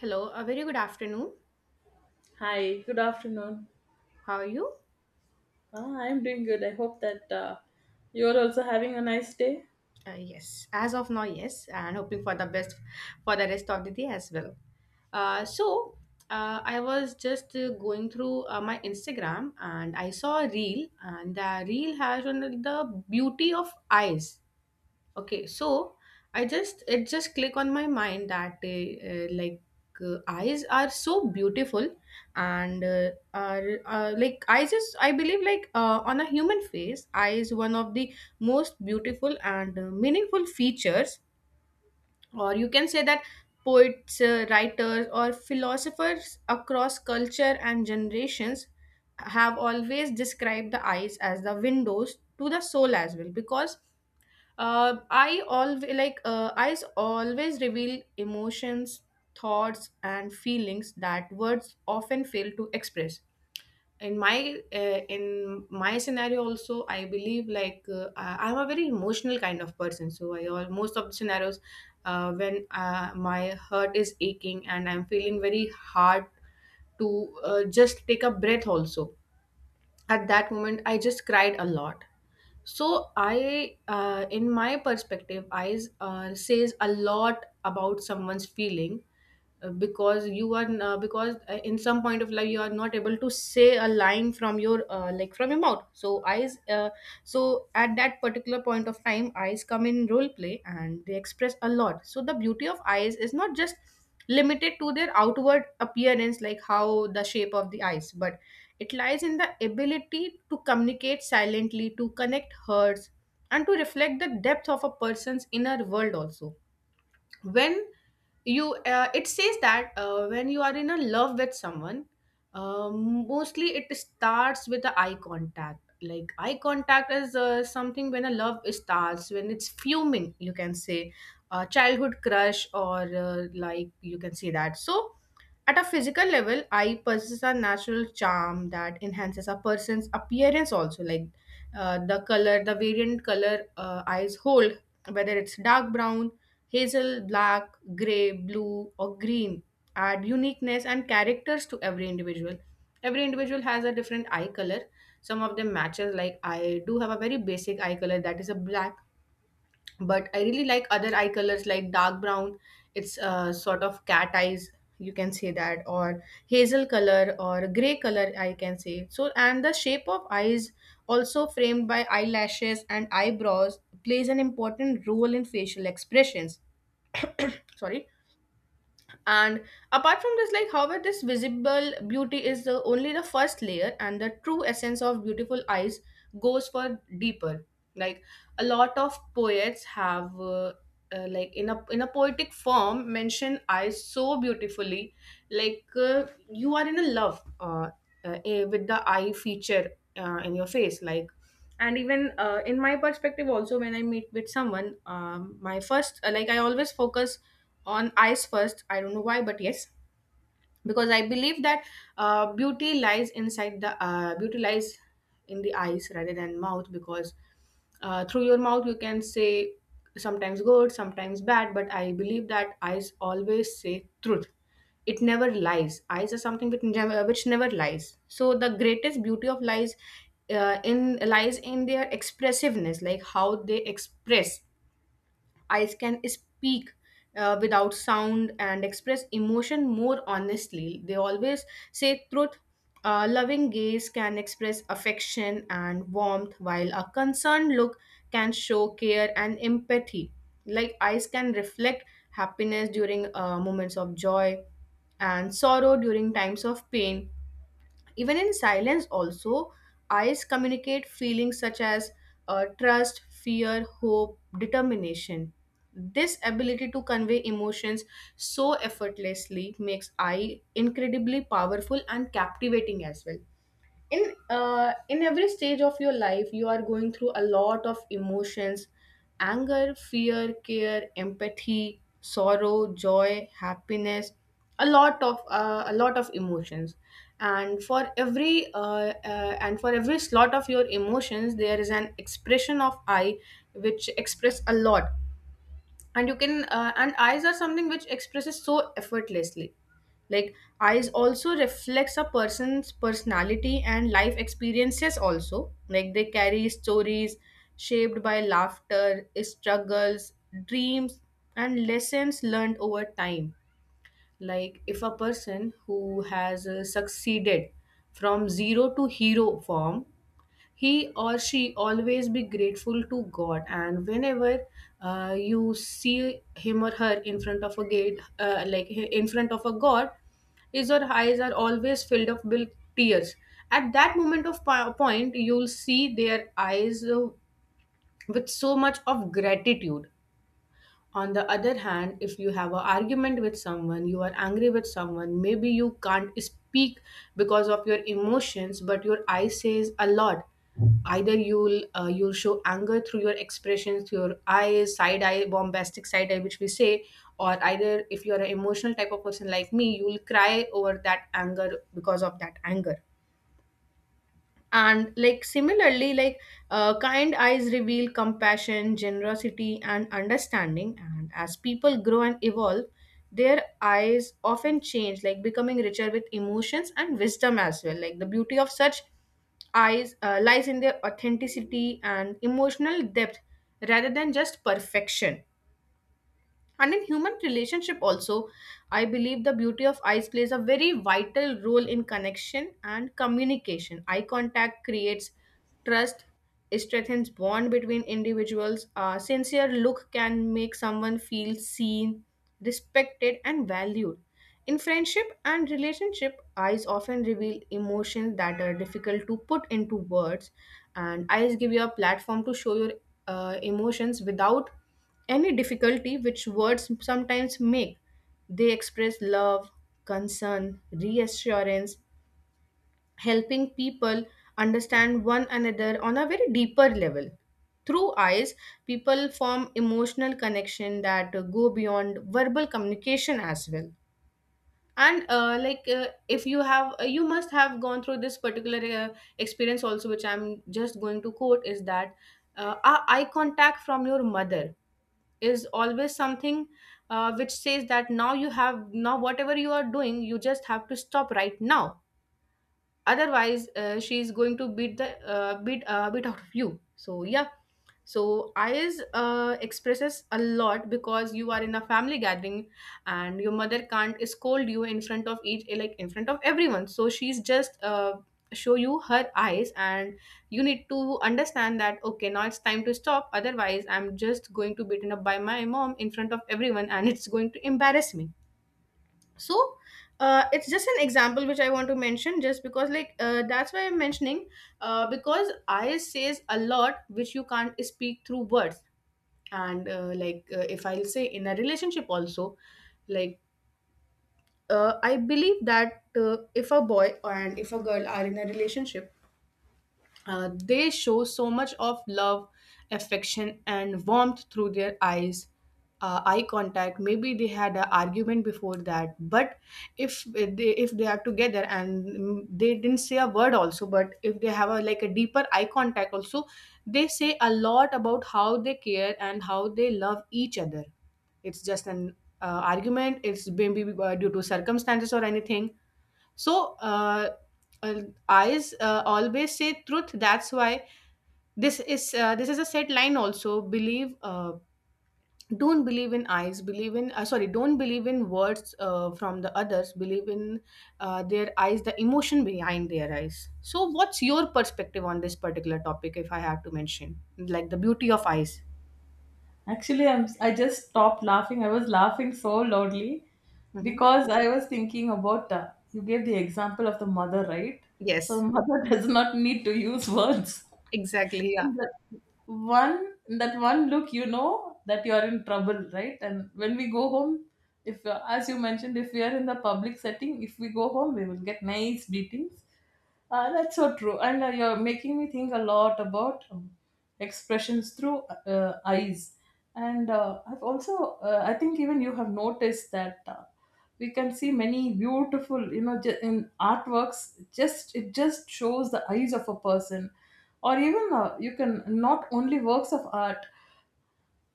Hello, a very good afternoon. Hi, good afternoon. How are you? Ah, I'm doing good. I hope that you're also having a nice day. Yes. As of now, yes, and hoping for the best for the rest of the day as well. Uh, so, I was just going through my Instagram and I saw a reel, and the reel has on the beauty of eyes. Okay, so I just it just click on my mind that eyes are so beautiful and are like eyes is I believe on a human face, eye is one of the most beautiful and meaningful features, or you can say that poets, writers, or philosophers across culture and generations have always described the eyes as the windows to the soul as well because I always always reveal emotions, thoughts, and feelings that words often fail to express. In my scenario, also I believe I'm a very emotional kind of person. So I all most of the scenarios when my heart is aching and I'm feeling very hard to just take a breath. Also at that moment, I just cried a lot. So I in my perspective I says a lot about someone's feeling, because you are because in some point of life you are not able to say a line from your like from your mouth. So eyes so at that particular point of time eyes come in role play and they express a lot. So the beauty of eyes is not just limited to their outward appearance like how the shape of the eyes, but it lies in the ability to communicate silently, to connect hurts, and to reflect the depth of a person's inner world also. When you It says that when you are in a love with someone, mostly it starts with the eye contact. Like eye contact is something when a love starts, when it's fuming, you can say a childhood crush or like you can say that. So at a physical level, eye possesses a natural charm that enhances a person's appearance also, like the color, the variant color eyes hold, whether it's dark brown, hazel, black, grey, blue, or green, add uniqueness and characters to every individual. Every individual has a different eye color. Some of them matches, like I do have a very basic eye color that is a black, but I really like other eye colors like dark brown. It's sort of cat eyes, you can say that, or hazel color or grey color, I can say. So, and the shape of eyes, also framed by eyelashes and eyebrows, plays an important role in facial expressions. Sorry. And apart from this, like, however, this visible beauty is only the first layer, and the true essence of beautiful eyes goes for deeper. Like, a lot of poets have, in a poetic form, mention eyes so beautifully. Like, you are in a love with the eye feature in your face. Like, and even in my perspective also, when I meet with someone, my first I always focus on eyes first. I don't know why, but yes, because I believe that beauty lies in the eyes rather than mouth. Because through your mouth you can say sometimes good, sometimes bad, but I believe that eyes always say truth. It never lies. Eyes are something which never lies. So the greatest beauty of lies in their expressiveness, like how they express. Eyes can speak without sound and express emotion more honestly. They always say truth. A loving gaze can express affection and warmth, while a concerned look can show care and empathy. Like eyes can reflect happiness during moments of joy and sorrow during times of pain. Even in silence, also, eyes communicate feelings such as trust, fear, hope, determination. This ability to convey emotions so effortlessly makes eye incredibly powerful and captivating as well. In every stage of your life, you are going through a lot of emotions: anger, fear, care, empathy, sorrow, joy, happiness, a lot of emotions. And for every and for every slot of your emotions, there is an expression of I which express a lot. And you can and Eyes are something which expresses so effortlessly. Like, eyes also reflects a person's personality and life experiences also. Like, they carry stories shaped by laughter, struggles, dreams, and lessons learned over time. Like if a person who has succeeded from zero to hero form, he or she always be grateful to god. And whenever you see him or her in front of a gate, like in front of a god, his or her eyes are always filled up with tears. At that moment of point, you'll see their eyes with so much of gratitude. On the other hand, if you have an argument with someone, you are angry with someone, maybe you can't speak because of your emotions, but your eye says a lot. Either you'll show anger through your expressions, through your eyes, side eye, bombastic side eye, which we say, or either if you are an emotional type of person like me, you'll cry over that anger because of that anger. And like similarly like Kind eyes reveal compassion, generosity, and understanding. And as people grow and evolve, their eyes often change, like becoming richer with emotions and wisdom as well. Like the beauty of such eyes lies in their authenticity and emotional depth rather than just perfection. And in human relationship also, I believe the beauty of eyes plays a very vital role in connection and communication. Eye contact creates trust. It strengthens bond between individuals. A sincere look can make someone feel seen, respected, and valued. In friendship and relationship, eyes often reveal emotions that are difficult to put into words. And eyes give you a platform to show your emotions without any difficulty which words sometimes make. They express love, concern, reassurance, helping people understand one another on a very deeper level. Through eyes, people form emotional connection that go beyond verbal communication as well. And if you have, you must have gone through this particular experience also, which I'm just going to quote, is that a eye contact from your mother is always something which says that now whatever you are doing, you just have to stop right now. Otherwise she's going to beat the beat beat out of you. So yeah, so eyes expresses a lot. Because you are in a family gathering and your mother can't scold you in front of each like in front of everyone, so she's just show you her eyes, and you need to understand that okay, now it's time to stop. Otherwise I'm just going to beaten up by my mom in front of everyone, and it's going to embarrass me. So it's just an example which I want to mention, just because that's why I'm mentioning, because I says a lot which you can't speak through words. And if I'll say in a relationship also, like, I believe that if a boy and if a girl are in a relationship, they show so much of love, affection, and warmth through their eyes, eye contact. Maybe they had an argument before that, but if they are together and, mm, they didn't say a word also, but if they have a deeper eye contact also, they say a lot about how they care and how they love each other. It's just an argument. It's maybe due to circumstances or anything. So uh, uh, eyes always say truth. That's why this is a set line. Also, believe. Don't believe in eyes, believe in, sorry, don't believe in words from the others, believe in their eyes, the emotion behind their eyes. So what's your perspective on this particular topic, if I have to mention, like the beauty of eyes? Actually, I just stopped laughing. I was laughing so loudly Hmm. because I was thinking about you gave the example of the mother, right? So Yes. mother does not need to use words. Exactly, yeah. In that one in that one look, you know that you are in trouble, right? And when we go home, if as you mentioned, if we are in the public setting, if we go home, we will get nice beatings. That's so true. And you're making me think a lot about expressions through eyes. And I think even you have noticed that we can see many beautiful, you know, in artworks, just it just shows the eyes of a person. Or even you can not only works of art,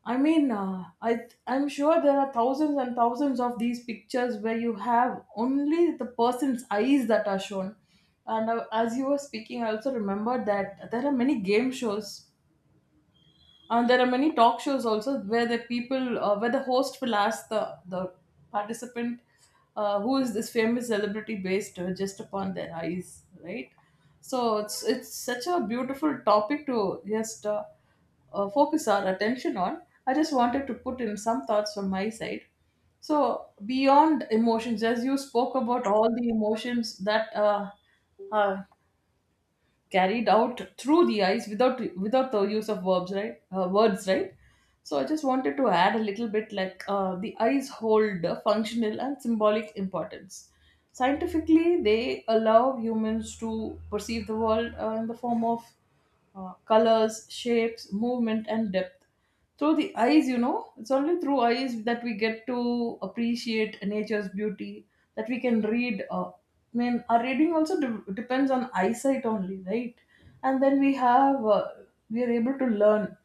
I mean, I'm sure there are thousands and thousands of these pictures where you have only the person's eyes that are shown. And as you were speaking, I also remembered that there are many game shows there are many talk shows also where the people, where the host will ask the participant, who is this famous celebrity based just upon their eyes, right? So it's such a beautiful topic to just focus our attention on. I just wanted to put in some thoughts from my side. So beyond emotions, as you spoke about all the emotions that are carried out through the eyes without the use of verbs, right? Words, right? So I just wanted to add a little bit like the eyes hold a functional and symbolic importance. Scientifically, they allow humans to perceive the world in the form of colors, shapes, movement, and depth. Through the eyes, you know, it's only through eyes that we get to appreciate nature's beauty, that we can read. I mean, our reading also depends on eyesight only, right? And then we have, we are able to learn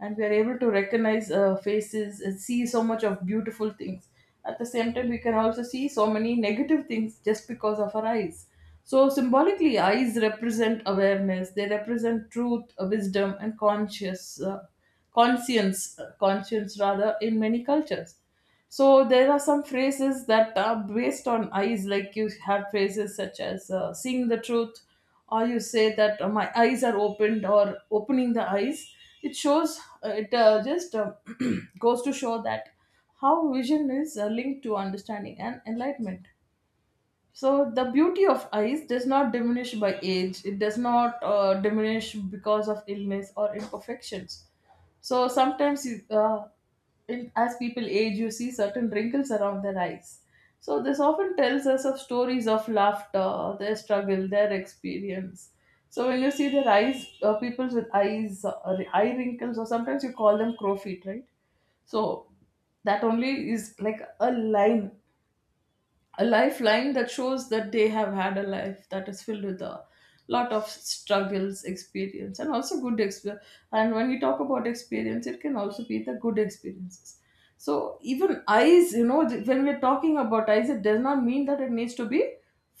and we are able to recognize faces and see so much of beautiful things. At the same time, we can also see so many negative things just because of our eyes. So symbolically, eyes represent awareness, they represent truth, wisdom, and conscious conscience conscience, rather, in many cultures. So there are some phrases that are based on eyes, like you have phrases such as seeing the truth, or you say that my eyes are opened, or opening the eyes. It shows, it just goes to show that how vision is linked to understanding and enlightenment. So the beauty of ice does not diminish by age. It does not diminish because of illness or imperfections. So sometimes, as people age, you see certain wrinkles around their eyes. So this often tells us of stories of laughter, their struggle, their experience. So when you see their eyes, people with eyes, eye wrinkles, or sometimes you call them crow feet, right? So that only is like a lifeline that shows that they have had a life that is filled with a lot of struggles, experience, and also good experience. And when we talk about experience, it can also be the good experiences. So even eyes, you know, when we're talking about eyes, it does not mean that it needs to be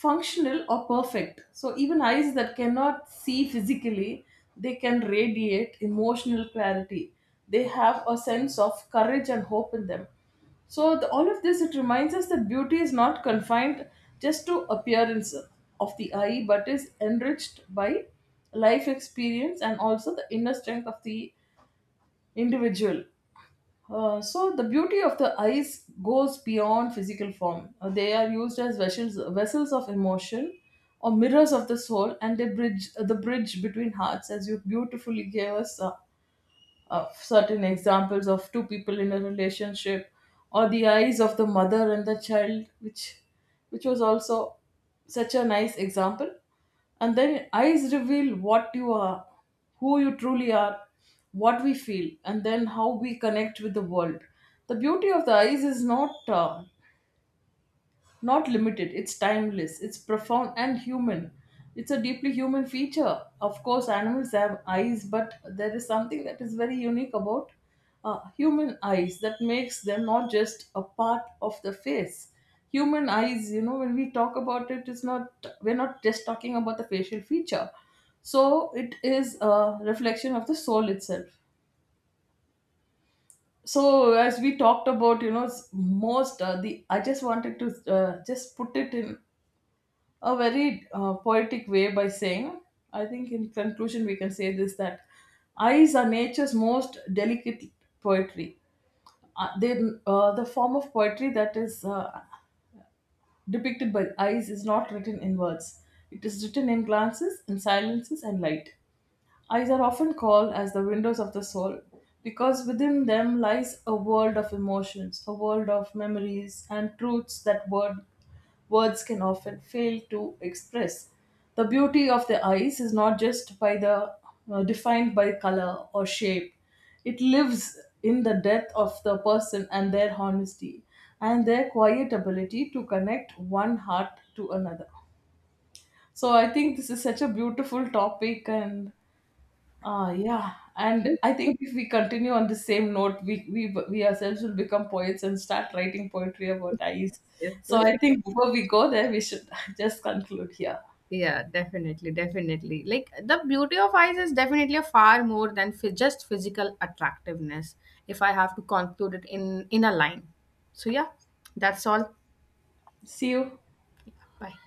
functional or perfect. So even eyes that cannot see physically, they can radiate emotional clarity. They have a sense of courage and hope in them. So all of this, it reminds us that beauty is not confined just to appearance of the eye, but is enriched by life experience and also the inner strength of the individual. So the beauty of the eyes goes beyond physical form. They are used as vessels of emotion or mirrors of the soul, and they bridge the bridge between hearts, as you beautifully gave us of certain examples of two people in a relationship or the eyes of the mother and the child, which was also such a nice example. And then eyes reveal what you are, who you truly are, what we feel, and then how we connect with the world. The beauty of the eyes is not limited, it's timeless, it's profound and human. It's a deeply human feature. Of course animals have eyes, but there is something that is very unique about human eyes that makes them not just a part of the face. Human eyes, you know, when we talk about it, it's not, we're not just talking about the facial feature. So it is a reflection of the soul itself. So as we talked about, you know, s- most the I just wanted to just put it in a very poetic way by saying, I think in conclusion, we can say this, that eyes are nature's most delicate poetry. Uh, they, the form of poetry that is depicted by eyes is not written in words, it is written in glances, in silences, and light. Eyes are often called as the windows of the soul because within them lies a world of emotions, a world of memories and truths that words can often fail to express. The beauty of the eyes is not just by the defined by color or shape. It lives in the depth of the person and their honesty and their quiet ability to connect one heart to another. So I think this is such a beautiful topic. And ah, yeah, and I think if we continue on the same note, we ourselves will become poets and start writing poetry about eyes. Yes, So I yes. think before we go there, we should just conclude here. Yeah, definitely, definitely. Like the beauty of eyes is definitely a far more than just physical attractiveness. If I have to conclude it in a line, so yeah, that's all. See you. Bye.